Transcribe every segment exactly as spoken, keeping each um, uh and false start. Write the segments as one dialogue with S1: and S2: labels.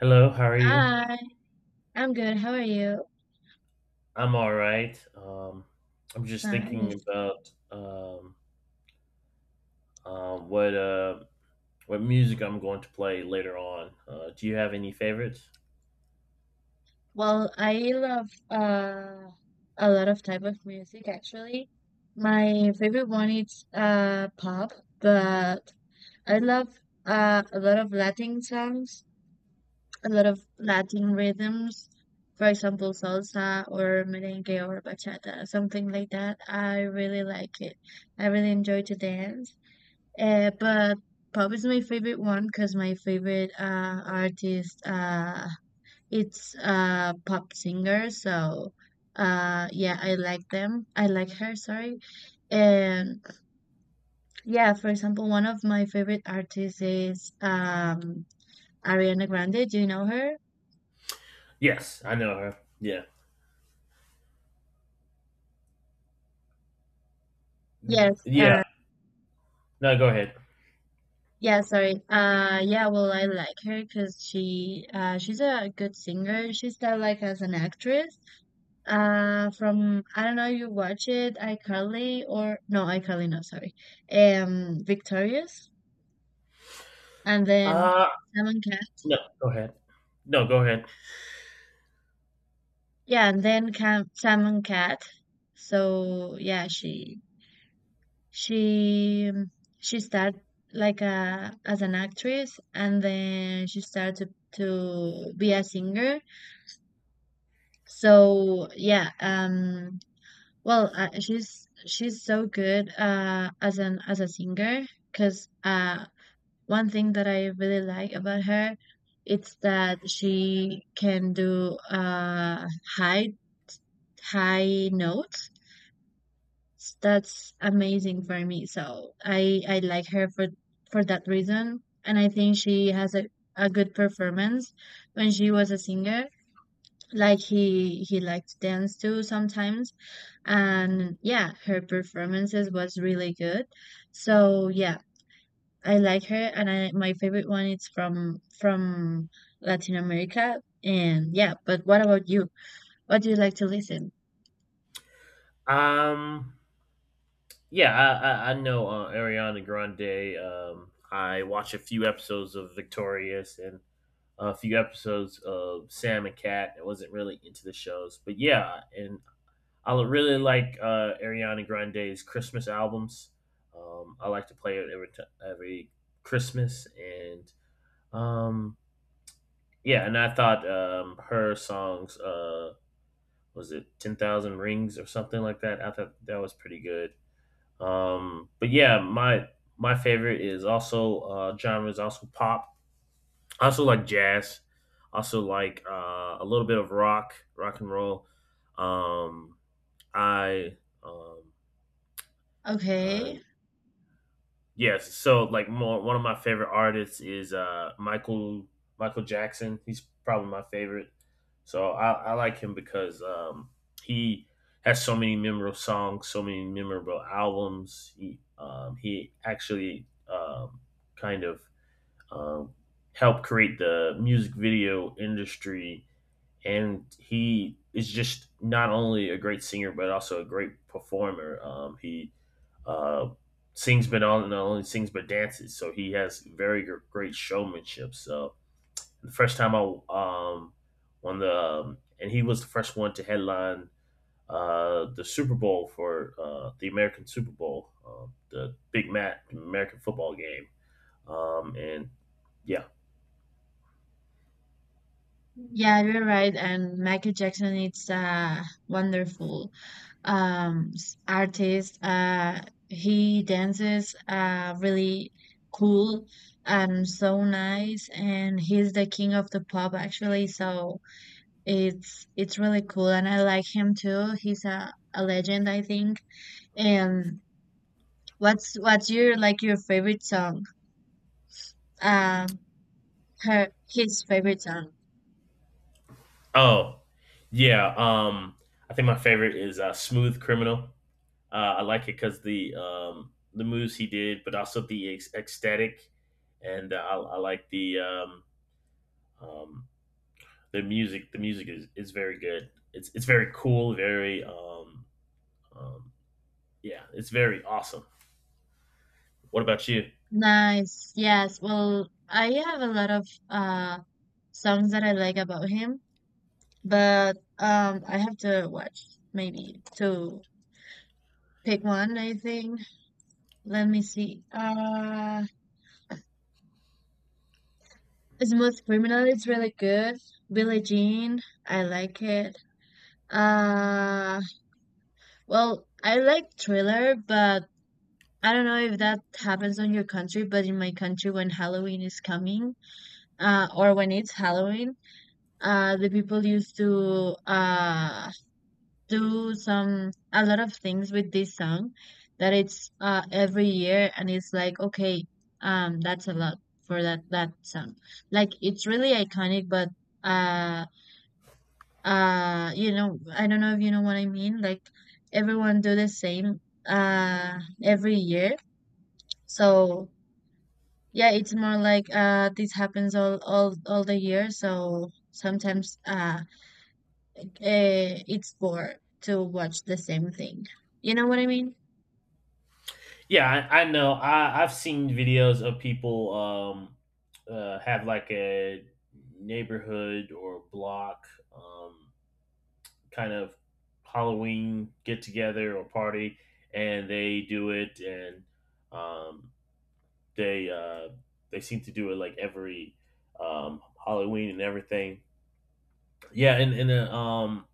S1: Hello, how are you?
S2: Hi, I'm good. How are you?
S1: I'm all right. Um, I'm just thinking
S2: Nice.
S1: about um, uh, what uh, what music I'm going to play later on. Uh, do you have any favorites?
S2: Well, I love uh a lot of type of music actually. My favorite one is uh pop, but I love uh a lot of Latin songs, a lot of Latin rhythms. For example, salsa or merengue or bachata, something like that. I really like it. I really enjoy to dance. Uh, but pop is my favorite one because my favorite uh, artist uh, it's a pop singer. So uh, yeah, I like them. I like her. Sorry. And yeah, for example, one of my favorite artists is um, Ariana Grande. Do you know her?
S1: Yes, I know her. Yeah, Y-
S2: Yes. Uh,
S1: yeah. No, go ahead.
S2: Yeah, sorry. Uh, yeah, well, I like her because she, uh, she's a good singer. She started like as an actress. Uh, from I don't know, you watch it, iCarly or no, iCarly, no, sorry. Um, Victorious, and then
S1: Uh,
S2: Sam and Cat.
S1: no, go ahead. No, go ahead.
S2: Yeah, and then Cam, Sam and Cat. So yeah, she she um, she started like a as an actress, and then she started to to be a singer. So yeah, um, well, uh, she's she's so good uh, as an as a singer because uh, one thing that I really like about her, it's that she can do uh, high high notes. S- That's amazing for me. So I I like her for for that reason, and I think she has a a good performance when she was a singer. Like he he liked to dance too sometimes, and yeah, her performances was really good. So yeah, I like her, and i my favorite one is from from Latin America. And yeah, but what about you? What do you like to listen?
S1: Um, yeah, I I, I know uh, Ariana Grande. Um, I watch a few episodes of Victorious and a few episodes of Sam and Cat. I wasn't really into the shows, but yeah, and I really like uh, Ariana Grande's Christmas albums. Um, I like to play it every t- every Christmas, and um, yeah, and I thought um, her songs uh, was it Ten Thousand Rings or something like that. I thought that was pretty good. Um, but yeah, my my favorite is also uh, genre is also pop. I also like jazz. Also like uh, a little bit of rock, rock and roll. Um, I um, uh,
S2: Okay.
S1: Yes, so like more, one of my favorite artists is uh Michael Michael Jackson. He's probably my favorite. So I, I like him because um he has so many memorable songs, so many memorable albums. He um he actually um kind of um helped create the music video industry, and he is just not only a great singer but also a great performer. Um, he uh, sings, but all not only sings but dances, so he has very gr- great showmanship. So the first time I um on the um, and he was the first one to headline uh, the Super Bowl for uh, the American Super Bowl, uh, the big mat American football game. Um, and yeah,
S2: Yeah, you're right, and Michael Jackson is a wonderful um s- artist. Uh he dances uh really cool and so nice, and he's the king of the pop actually. So It's it's really cool and I like him too. He's a, a legend, I think. And what's what's your like your favorite song? Um Her his favorite song.
S1: oh yeah, um, I think my favorite is uh, Smooth Criminal. Uh, I like it because the um, the moves he did, but also the ec- ecstatic, and uh, I, I like the um, um, the music. The music is, is very good. It's it's very cool. Very um, um, yeah, it's very awesome. What about you?
S2: Nice. Yes. Well, I have a lot of uh songs that I like about him, but um I have to watch maybe to pick one, I think. Let me see. Uh Smooth Criminal is really good. Billie Jean, I like it. Uh Well, I like Thriller, but I don't know if that happens on your country, but in my country, when Halloween is coming, uh, or when it's Halloween, uh, the people used to uh, do some a lot of things with this song that it's uh, every year, and it's like okay, um, that's a lot for that that song. Like it's really iconic, but uh, uh you know, I don't know if you know what I mean, like everyone do the same uh every year. So yeah, it's more like uh this happens all all all the year, so sometimes uh eh, it's bored to watch the same thing, you know what I mean.
S1: Yeah, I, I know. I I've seen videos of people um, uh, have like a neighborhood or block um, kind of Halloween get together or party, and they do it, and um, they uh, they seem to do it like every um, Halloween and everything. Yeah, and and a um,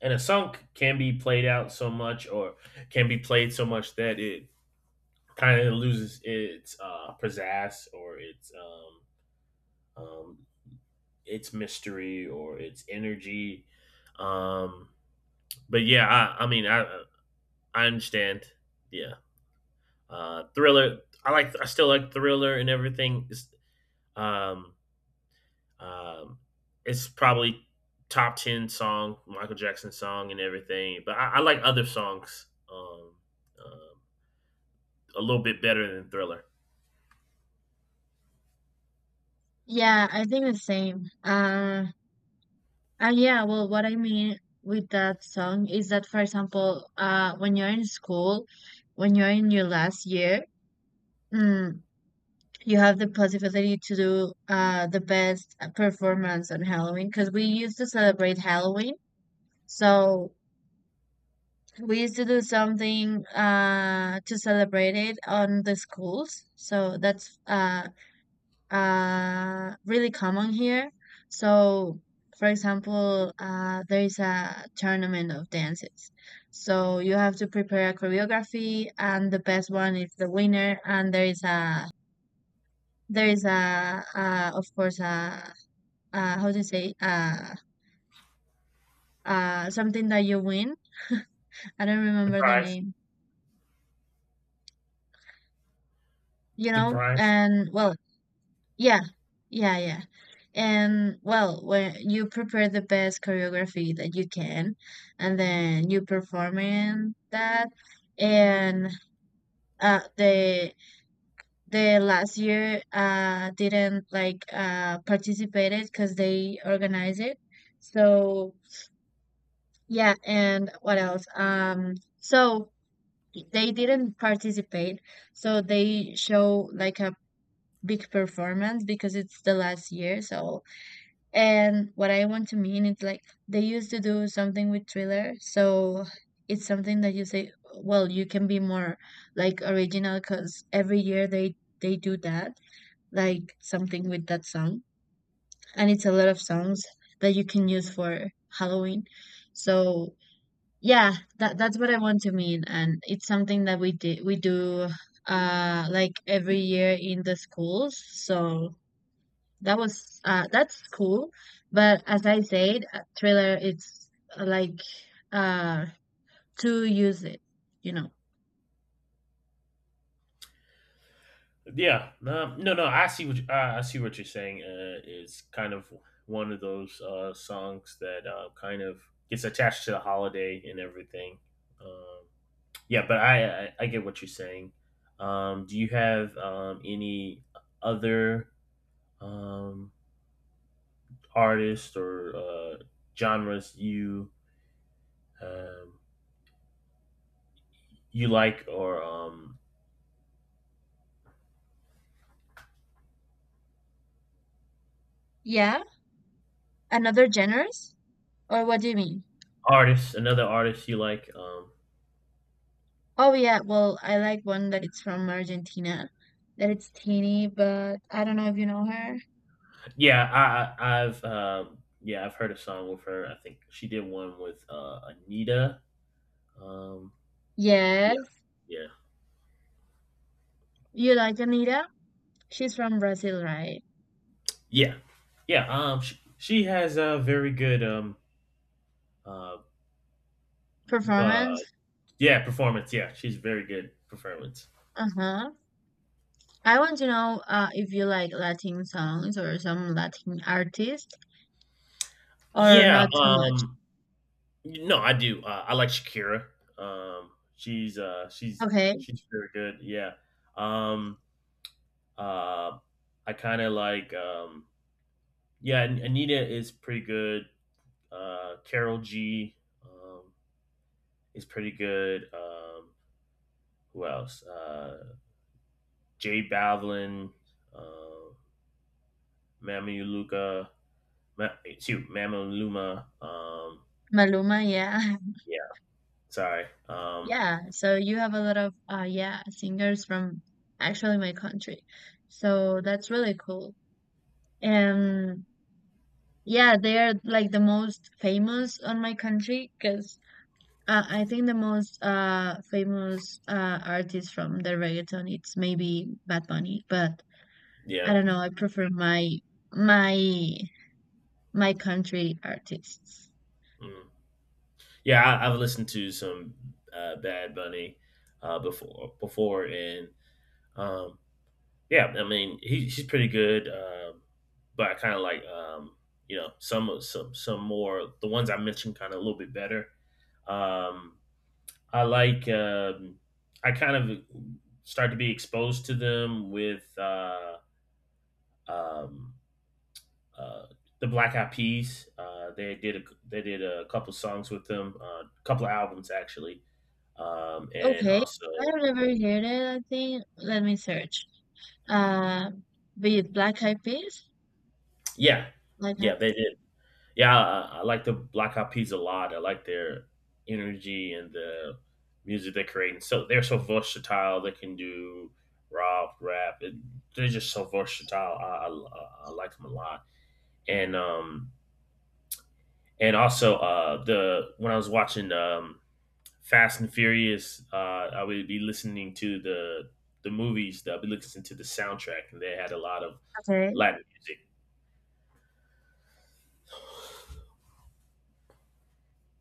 S1: and a song can be played out so much, or can be played so much that it kind of loses its uh, pizzazz or its um, um, its mystery or its energy. Um, but yeah, I, I mean, I I understand. Yeah. Uh, thriller. I like. I still like thriller and everything. It's, um, um, it's probably top ten song, Michael Jackson song and everything. But I, I like other songs. Um, um, a little bit better than Thriller.
S2: Yeah, I think the same. Uh and yeah, well, what I mean with that song is that, for example, uh when you're in school, when you're in your last year, mm, you have the possibility to do uh, the best performance on Halloween, because we used to celebrate Halloween. So we used to do something uh, to celebrate it on the schools. So that's uh, uh, really common here. So, for example, uh, there is a tournament of dances. So you have to prepare a choreography, and the best one is the winner. And there is a there is a, uh, of course, a uh how to say, uh uh something that you win. I don't remember the
S1: Surprise!
S2: name. You know,
S1: Surprise!
S2: and well, yeah, yeah, yeah. And well, when you prepare the best choreography that you can, and then you perform in that, and uh the the last year uh didn't like uh participated because they organized it. So yeah, and what else? Um, so they didn't participate, so they show like a big performance because it's the last year. So, and what I want to mean is like they used to do something with Thriller. So it's something that you say, well, you can be more like original, because every year they they do that, like something with that song. And it's a lot of songs that you can use for Halloween. So yeah, that that's what I want to mean, and it's something that we did we do uh like every year in the schools. So that was uh that's cool, but as I said, uh, Thriller it's uh, like uh to use it, you know.
S1: Yeah, no, no, no. I see what you, I I see what you're saying. Uh, it's kind of one of those uh, songs that uh, kind of gets attached to the holiday and everything. Um, Yeah, but I, I I get what you're saying. Um, do you have um, any other um, artists or uh, genres you um, you like or um,
S2: Yeah, another genres, or what do you mean?
S1: artists? Another artist you like? Um,
S2: Oh yeah, well, I like one that it's from Argentina, that it's Teeny, but I don't know if you know her.
S1: yeah, I I- I've um, yeah, I've heard a song with her. I think she did one with uh, Anita. Um, yeah,
S2: Yes,
S1: yeah,
S2: you like Anita? She's from Brazil, right?
S1: yeah, yeah. Um, she, she has a very good um uh, uh
S2: Performance?
S1: yeah, performance. Yeah, she's very good performance.
S2: Uh-huh. I want to know uh, if you like Latin songs or some Latin artist, or
S1: Yeah,
S2: not too much.
S1: um no, I do. Uh, I like Shakira. Um she's uh she's
S2: Okay.
S1: she's very good. Yeah. Um uh I kind of like um yeah, An- Anita is pretty good. Uh Carol G um is pretty good. Um who else? Uh Jay Balvin, uh Mama Luca, Ma- excuse, Mama Luma. Um
S2: Maluma, yeah.
S1: yeah, sorry. Um,
S2: Yeah. So you have a lot of uh yeah, singers from actually my country. So that's really cool. And yeah, they are like the most famous on my country, because uh, I think the most uh famous uh artist from the reggaeton it's maybe Bad Bunny, but I
S1: yeah,
S2: don't know, I prefer my my my country artists.
S1: mm. yeah. I, I've listened to some uh, Bad Bunny uh, before, before, and um, yeah, I mean he, he's pretty good. Um but I kind of like um, you know some of- some some more the ones I mentioned kind of a little bit better. Um, I like um, I kind of start to be exposed to them with uh, um, uh, the Black Eyed Peas. Uh, they did a, they did a couple songs with them, a uh, couple of albums actually, um, and
S2: Okay.
S1: also
S2: I've never heard it, I think. Let me search. Uh be it Black Eyed Peas?
S1: yeah,
S2: Like
S1: yeah they did. Yeah, I, I like the Black Eyed Peas a lot. I like their energy and the music they're creating. So they're so versatile. They can do rock, rap. It, they're just so versatile. I, I, I like them a lot. And um and also uh the when I was watching um Fast and Furious, uh, I would be listening to the the movies. I'll be listening to the soundtrack, and they had a lot of
S2: okay.
S1: Latin music.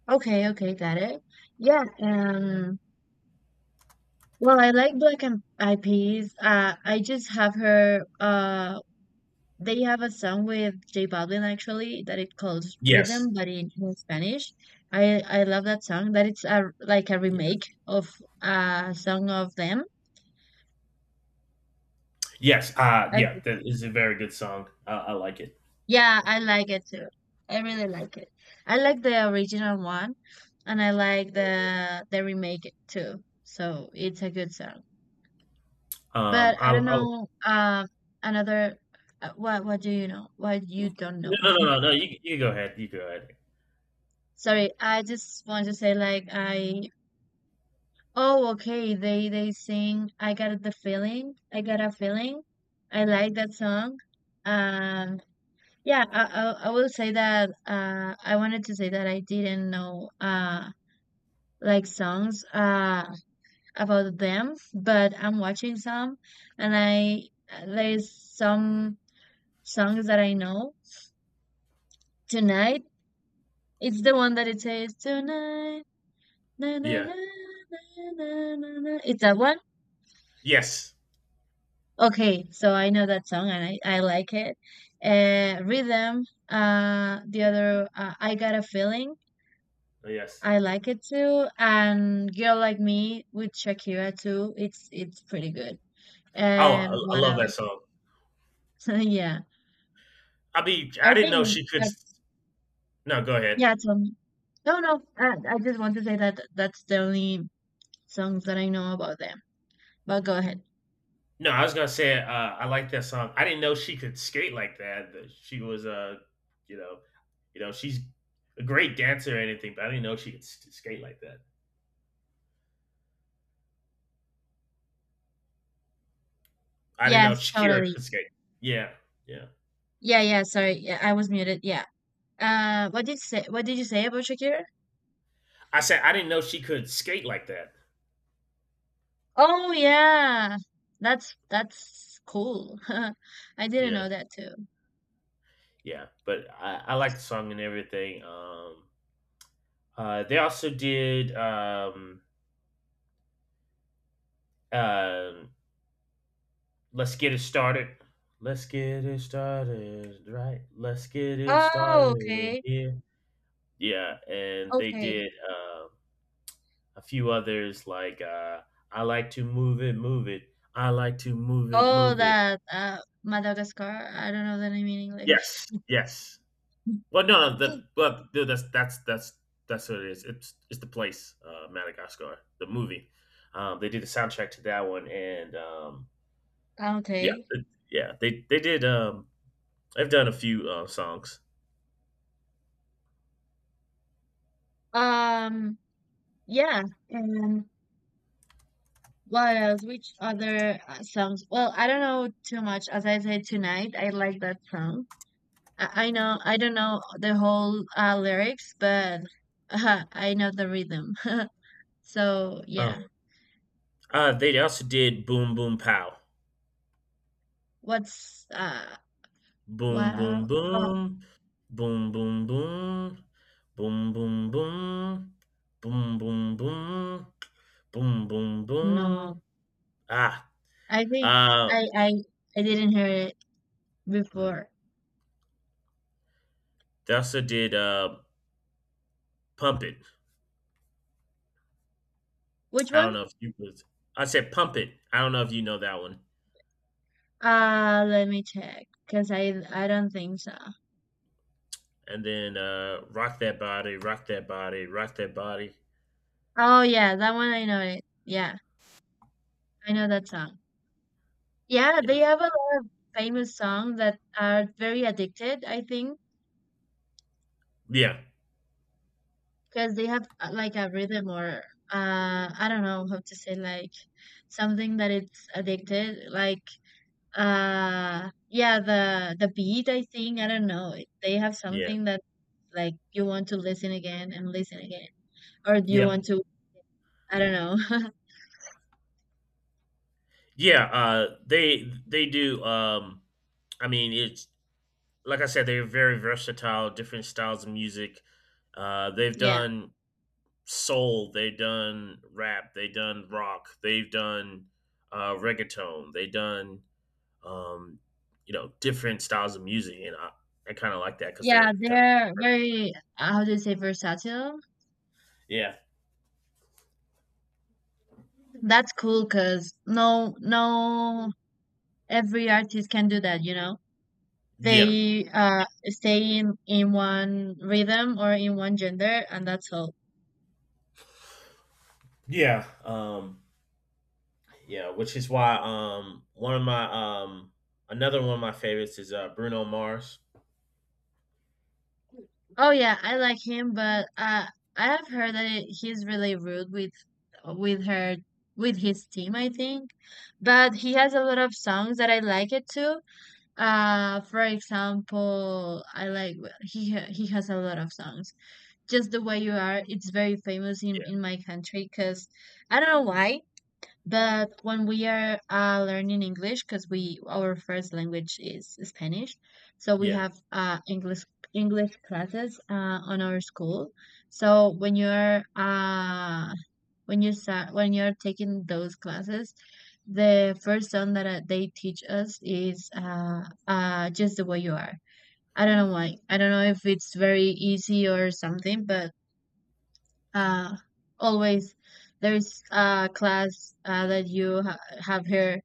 S2: Okay, okay, got it. Yeah, um well, I like Black and Eyed Peas. Uh I just have her uh they have a song with J Balvin actually that it calls Rhythm,
S1: Yes,
S2: but in, in Spanish. I I love that song. That it's a like a
S1: yes,
S2: remake of a song of them.
S1: yes, uh,
S2: I
S1: yeah.
S2: think.
S1: That is a very good song. I, I like it.
S2: Yeah, I like it too. I really like it. I like the original one, and I like the the remake too. So it's a good song.
S1: Um,
S2: But I
S1: I,
S2: don't
S1: I
S2: know. Um, another. uh, What what do you know? What you
S1: No,
S2: don't know?
S1: no, no, no, no. You, you go ahead. You go ahead.
S2: Sorry, I just want to say like I oh, okay. They they sing I Got the Feeling. I Got a Feeling. I like that song. Um yeah, I I, I will say that uh I wanted to say that I didn't know uh like songs uh about them, but I'm watching some, and I uh, there's some songs that I know. Tonight, it's the one that it says tonight. Na, na, na,
S1: Yeah.
S2: na, na, na, na. It's that one.
S1: Yes.
S2: Okay, so I know that song, and I, I like it. Uh, Rhythm, uh, the other, uh, I Got a Feeling,
S1: Yes.
S2: I like it too. And Girl Like Me with Shakira too, it's it's pretty good.
S1: Oh, I,
S2: And
S1: I
S2: what
S1: love that
S2: else?
S1: song.
S2: Yeah,
S1: I be.
S2: I
S1: I didn't know
S2: think
S1: she could. s-
S2: that's,
S1: No, go ahead.
S2: yeah, tell me. No, no, I, I just want to say that that's the only songs that I know about them. But go ahead.
S1: No, I was gonna say, uh, I like that song. I didn't know she could skate like that. that She was, uh, you know, you know, she's a great dancer or anything, but I didn't know she could s- skate like that. I didn't know
S2: Yes,
S1: Shakira
S2: totally.
S1: could skate. Yeah, yeah.
S2: Yeah, yeah, sorry, yeah, I was muted. Yeah. Uh, what did you say? What did you say about Shakira?
S1: I said I didn't know she could skate like that.
S2: Oh yeah. That's that's cool. I didn't know
S1: Yeah,
S2: that too.
S1: yeah. But I, I like the song and everything. Um, uh, they also did um, um "Let's Get It Started." Let's get it started, right? Let's get it
S2: Oh,
S1: started in
S2: okay.
S1: here. Yeah, and they
S2: Okay.
S1: did um, a few others like uh, "I Like to Move It, Move It." I like to move it,
S2: Oh,
S1: move it.
S2: that uh Madagascar. I don't know the name in English.
S1: Yes, yes. Well, no, no, that, but no, that's that's that's that's what it is. It's it's the place, uh, Madagascar, the movie. Um, they did the soundtrack to that one, and um, yeah,
S2: Okay.
S1: th- yeah, they they did. Um, I've done a few uh, songs.
S2: Um, yeah. And what else? Which other uh, songs? Well, I don't know too much. As I said, tonight, I like that song. I, I know I don't know the whole uh, lyrics, but I know the rhythm. So,
S1: Uh,
S2: yeah.
S1: uh, they also did "Boom Boom Pow."
S2: What's uh
S1: Boom,
S2: wow,
S1: boom,
S2: how-
S1: boom. Boom, boom, boom. Boom, boom, boom. Boom, boom, boom. Boom, boom, boom.
S2: no.
S1: Ah,
S2: I think
S1: uh,
S2: I I I didn't hear it
S1: hmm.
S2: before.
S1: they also did uh, Pump It.
S2: Which
S1: I
S2: one?
S1: don't know if you was. I said Pump It. I don't know if you know that one.
S2: Uh let me check, cuz I I don't think so.
S1: And then uh, Rock That Body, Rock That Body, Rock That Body.
S2: Oh yeah, that one I know it. Yeah, I know that song. Yeah, they
S1: Yeah.
S2: have a lot of famous songs that are very addicted, I think,
S1: Yeah.
S2: cuz they have uh, like a rhythm, or uh I don't know how to say like something that it's addicted like. Uh, yeah, the the beat, I think, I don't know. They have
S1: Yeah.
S2: something that like you want to listen again and listen again, or do you
S1: Yeah.
S2: want to, I don't know.
S1: Yeah. Uh, they they do. Um, I mean, it's like I said, they're very versatile, different styles of music. Uh, they've
S2: Yeah.
S1: done soul, they've done rap, they've done rock, they've done uh, reggaeton, they've done um, you know different styles of music, and I, I kind of like that because
S2: Yeah,
S1: they're kind of
S2: they're very, how do you say, versatile.
S1: yeah,
S2: That's cool because no, no, every artist can do that, you know?
S1: yeah,
S2: They uh stay in in one rhythm or in one gender, and that's all.
S1: yeah, um, yeah, which is why um, one of my um, another one of my favorites is uh, Bruno Mars.
S2: Oh yeah, I like him, but uh, I have heard that it, he's really rude with with her with his team, I think. But he has a lot of songs that I like it too. Uh, for example, I like well, he ha- he has a lot of songs. Just the Way You Are, it's very famous in
S1: Yeah,
S2: in my country because I don't know why. But when we are uh, learning English, because we our first language is Spanish, so we
S1: yeah,
S2: have uh, English English classes uh, on our school. So when you're uh, when you start when you're taking those classes, the first song that uh, they teach us is uh, uh, "Just the Way You Are." I don't know why. I don't know if it's very easy or something, but uh, always there's a class uh, that you ha- have here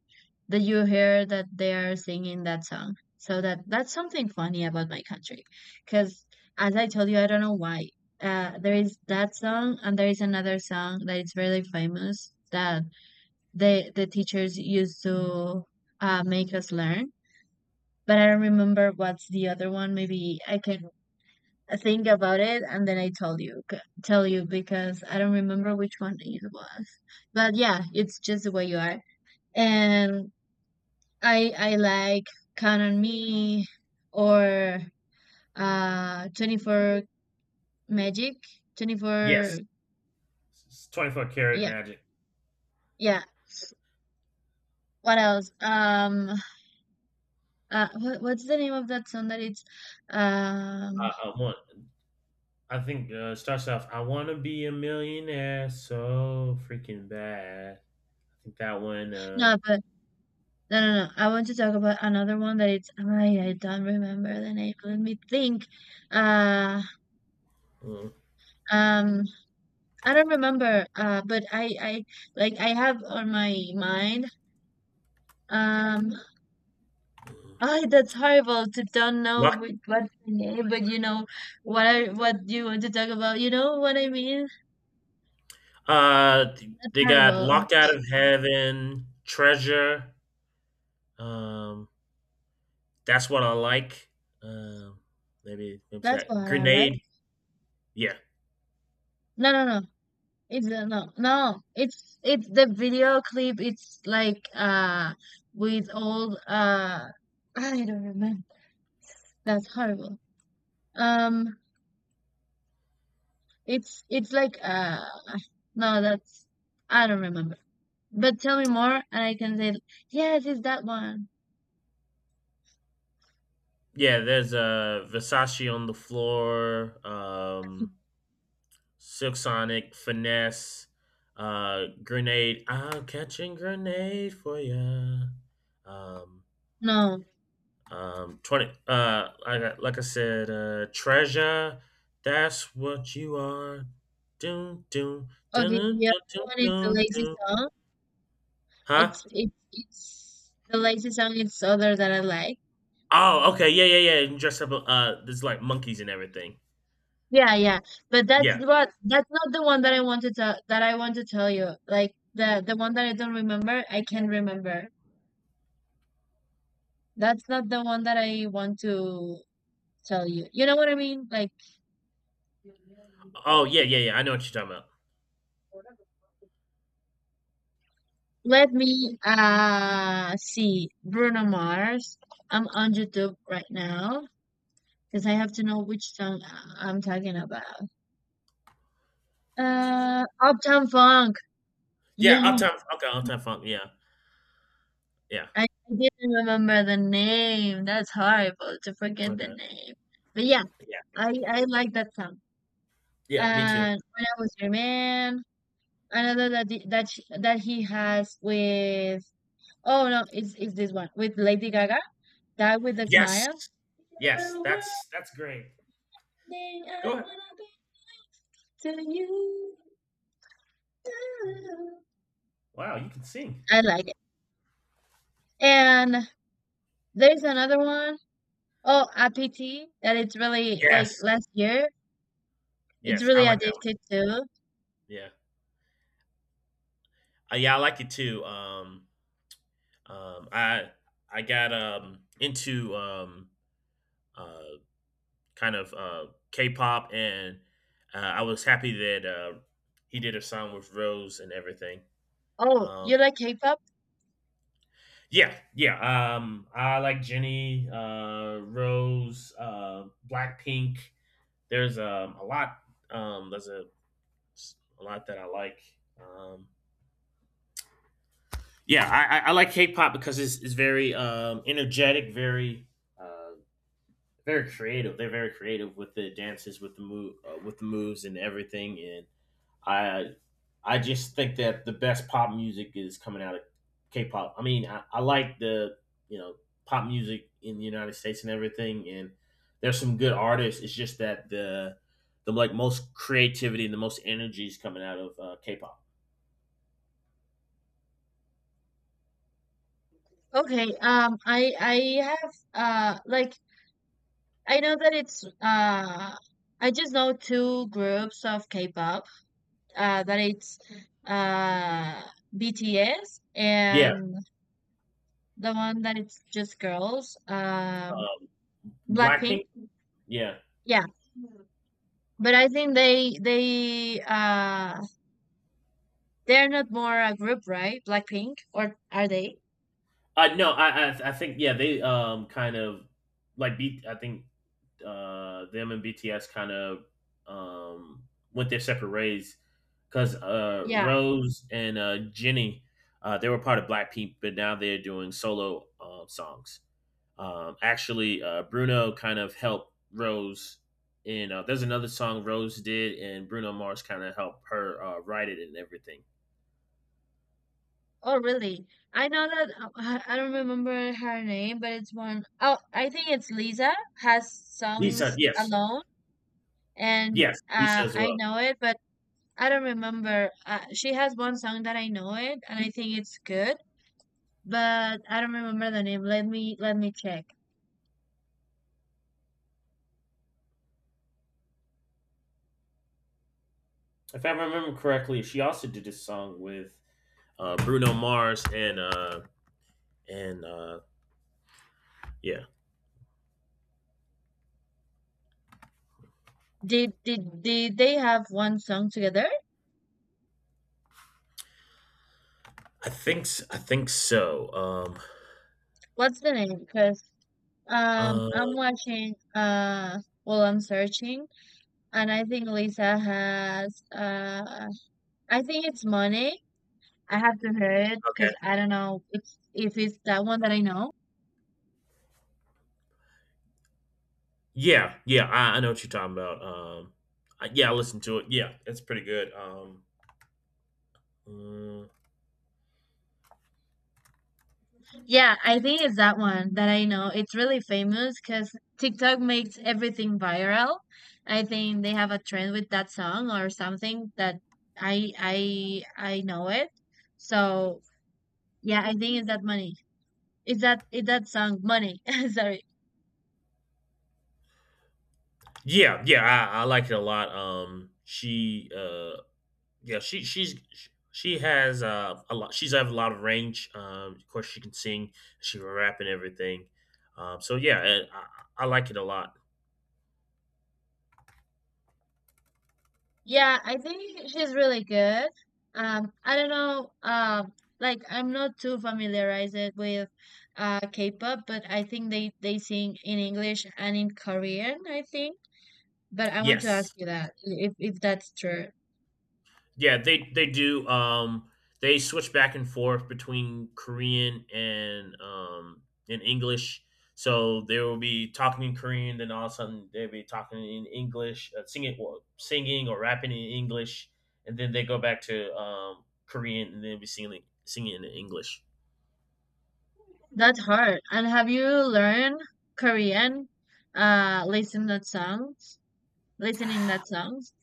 S2: that you hear that they are singing that song. So that that's something funny about my country, because as I told you, I don't know why. Uh, there is that song, and there is another song that is really famous that the the teachers used to uh, make us learn. But I don't remember what's the other one. Maybe I can I think about it and then I tell you c- tell you because I don't remember which one it was. But yeah, it's just the way you are. And I I like Count on Me or uh twenty-four Magic, twenty-four.
S1: yes, twenty four karat
S2: Yeah,
S1: magic.
S2: yeah. What else? Um uh, what, what's the name of that song that it's um
S1: Uh, uh, one. I think uh, it starts off, I want to be a millionaire so freaking bad. I think that one, um,
S2: no, but No, no, no. I want to talk about another one that it's. Ay, I don't remember the name. Let me think. Uh, um, I don't remember. Uh, but I, I like I have on my mind. Um,
S1: uh,
S2: Ay, that's horrible to don't know
S1: lock,
S2: with what's the name, but you know what I what you want to talk about. You know what I mean?
S1: uh,
S2: That's
S1: they got
S2: horrible.
S1: Locked Out of Heaven, Treasure. Um, that's what I like. Um, maybe maybe it's
S2: That's what
S1: that
S2: I like.
S1: Grenade. Yeah,
S2: No, no, no. It's uh, no, no. It's it's the video clip. It's like uh with old uh I don't remember. That's horrible. Um, it's it's like uh no, that's I don't remember. But tell me more, and I can say yes, it's that one.
S1: yeah. There's uh, Versace on the floor. Um, Silk Sonic, Finesse, uh, Grenade. I'm catching grenade for ya. Um,
S2: No,
S1: um, twenty. Uh, like I, like I said, uh, treasure. That's what you are. Doom, doom, doom,
S2: okay.
S1: doom,
S2: The other
S1: doom,
S2: one is the
S1: doom,
S2: lazy
S1: doom.
S2: song.
S1: Huh?
S2: It's it's it's the lazy song. It's other that I like.
S1: Oh, okay. Yeah, yeah, yeah. And dress up. Uh, there's like monkeys and everything.
S2: Yeah, yeah. But that's
S1: Yeah.
S2: what that's not the one that I want to tell that I want to tell you. Like the the one that I don't remember, I can remember. That's not the one that I want to tell you. You know what I mean? Like
S1: Oh, yeah, yeah, yeah. I know what you're talking about.
S2: let me uh see Bruno Mars. I'm on YouTube right now because I have to know which song I- I'm talking about. Uh, Uptown Funk.
S1: Yeah,
S2: Yeah.
S1: uptown. Okay, uptown funk. Yeah, yeah.
S2: I I didn't remember the name. That's horrible to forget the
S1: Okay.
S2: name. But yeah,
S1: Yeah,
S2: I I like that song.
S1: yeah. Me too.
S2: And when I was your man, another that the, that sh that he has with oh no, it's it's this one with Lady Gaga. That with a smile.
S1: Yes. Yes,
S2: One
S1: that's that's great.
S2: day
S1: Go ahead.
S2: I'll be. To you,
S1: Wow, you can sing.
S2: I like it. And there's another one. Oh, A P T, that it's really like
S1: Yes.
S2: last year. It's
S1: Yes, I
S2: really
S1: like that one.
S2: addicted too.
S1: Yeah. Uh, yeah, I like it too. Um, um, I I got um into um uh kind of uh K-pop, and uh, I was happy that uh he did a song with Rose and everything.
S2: Oh,
S1: Um,
S2: you like K-pop?
S1: yeah, yeah. Um, I like Jenny, uh, Rose, uh, Blackpink. There's um a lot. Um, there's a a lot that I like. Um, yeah, I, I- like K-pop because it's, it's very um, energetic, very uh, very creative. They're very creative with the dances, with the move, uh, with the moves and everything. And I I just think that the best pop music is coming out of K-pop. I mean, I, I like the you know pop music in the United States and everything. And there's some good artists. It's just that the the like most creativity and the most energy is coming out of uh, K-pop.
S2: Okay. Um, I I have uh like I know that it's uh I just know two groups of K-pop. Uh, that it's uh B T S
S1: Yeah,
S2: and the one that it's just girls. Um,
S1: uh,
S2: Blackpink.
S1: Blackpink? Yeah.
S2: Yeah, but I think they they uh they're not more a group, right? Blackpink, or are they?
S1: Uh, no, I, I I think yeah they um kind of like B. I think uh them and B T S kind of um went their separate ways because uh
S2: Yeah.
S1: Rose and uh Jenny uh they were part of Blackpink, but now they're doing solo um songs. Um, actually, uh, Bruno kind of helped Rose in uh, there's another song Rose did and Bruno Mars kind of helped her uh, write it and everything.
S2: Oh, really? I know that uh, I I don't remember her name, but it's one oh I think it's Lisa has
S1: Lisa,
S2: songs
S1: yes,
S2: alone, and
S1: yes, Lisa
S2: uh,
S1: as
S2: I
S1: well.
S2: know it, but I don't remember. Uh, she has one song that I know it, and I think it's good, but I don't remember the name. Let me let me check.
S1: If I remember correctly, she also did this song with uh, Bruno Mars and uh, and uh, yeah,
S2: Did did did they have one song together?
S1: I think s- I think so. Um,
S2: What's the name? Because um,
S1: uh,
S2: I'm watching. Uh, well, I'm searching, and I think Lisa has uh. I think it's Money. I have to hear it
S1: okay,
S2: because I don't know if if it's that one that I know.
S1: yeah, yeah, I, I know what you're talking about. Um, I, yeah, I listened to it. Yeah, it's pretty good. Um, mm,
S2: Yeah, I think it's that one that I know. It's really famous because TikTok makes everything viral. I think they have a trend with that song or something that I I I know it. So yeah, I think it's that money. Is that is that song money? Sorry.
S1: yeah, yeah, I, I like it a lot. Um, she, uh, yeah, she she's she has uh, a lot. She's have a lot of range. Um, of course, she can sing, she can rap and everything. Um, so yeah, I, I I like it a lot.
S2: Yeah, I think she's really good. Um, I don't know, um, like I'm not too familiarized with uh K-pop, but I think they they sing in English and in Korean, I think. But I want to ask
S1: Yes.
S2: you that if if that's true.
S1: Yeah, they they do um they switch back and forth between Korean and um and English. So they will be talking in Korean, then all of a sudden they'll be talking in English, uh, singing well, singing or rapping in English, and then they go back to um Korean and then be singing singing in English.
S2: That's hard. And have you learned Korean uh listening that songs? Listening that songs?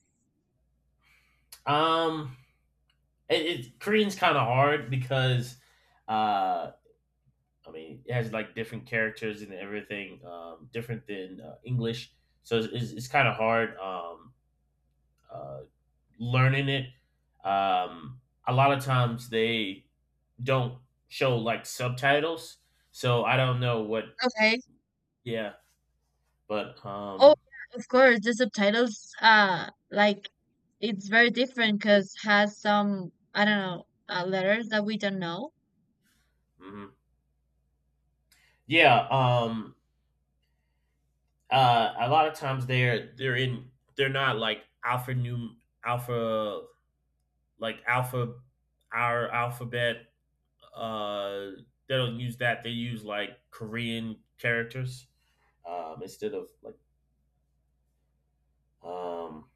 S1: Um it, it Korean's kind of hard because uh I mean, it has like different characters and everything, um, different than uh, English. So it's, it's, it's kind of hard um, uh, learning it. Um, a lot of times they don't show like subtitles, so I don't know what.
S2: Okay.
S1: Yeah, but
S2: Oh,
S1: um,
S2: yeah, of course. The subtitles, uh, like it's very different because has some I don't know uh, letters that we don't know.
S1: mhm. yeah, um, uh, a lot of times they're they're in they're not like alpha new alpha like alpha our alphabet uh they don't use that. They use like Korean characters um, instead of like um,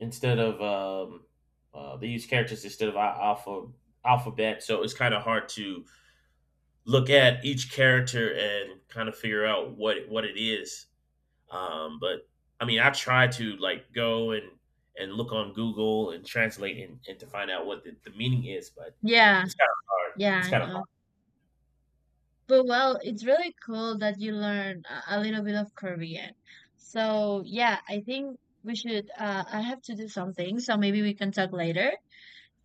S1: instead of um, uh, they use characters instead of alpha alphabet. So it's kind of hard to look at each character and kind of figure out what it- what it is. Um, but I mean, I try to like go and and look on Google and translate and, and to find out what the, the meaning is, but
S2: Yeah,
S1: it's kind of hard.
S2: yeah,
S1: It's
S2: I
S1: kind of
S2: know. But well, it's really cool that you learn a a little bit of Korean. So yeah, I think we should. Uh, I have to do something, so maybe we can talk later.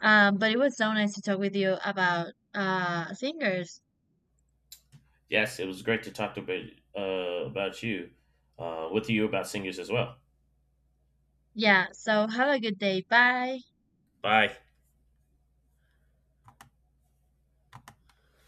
S2: Um, but it was so nice to talk with you about uh singers.
S1: Yes, it was great to talk to, uh, about you, uh, with you about singers as well.
S2: Yeah. So have a good day. Bye.
S1: Bye.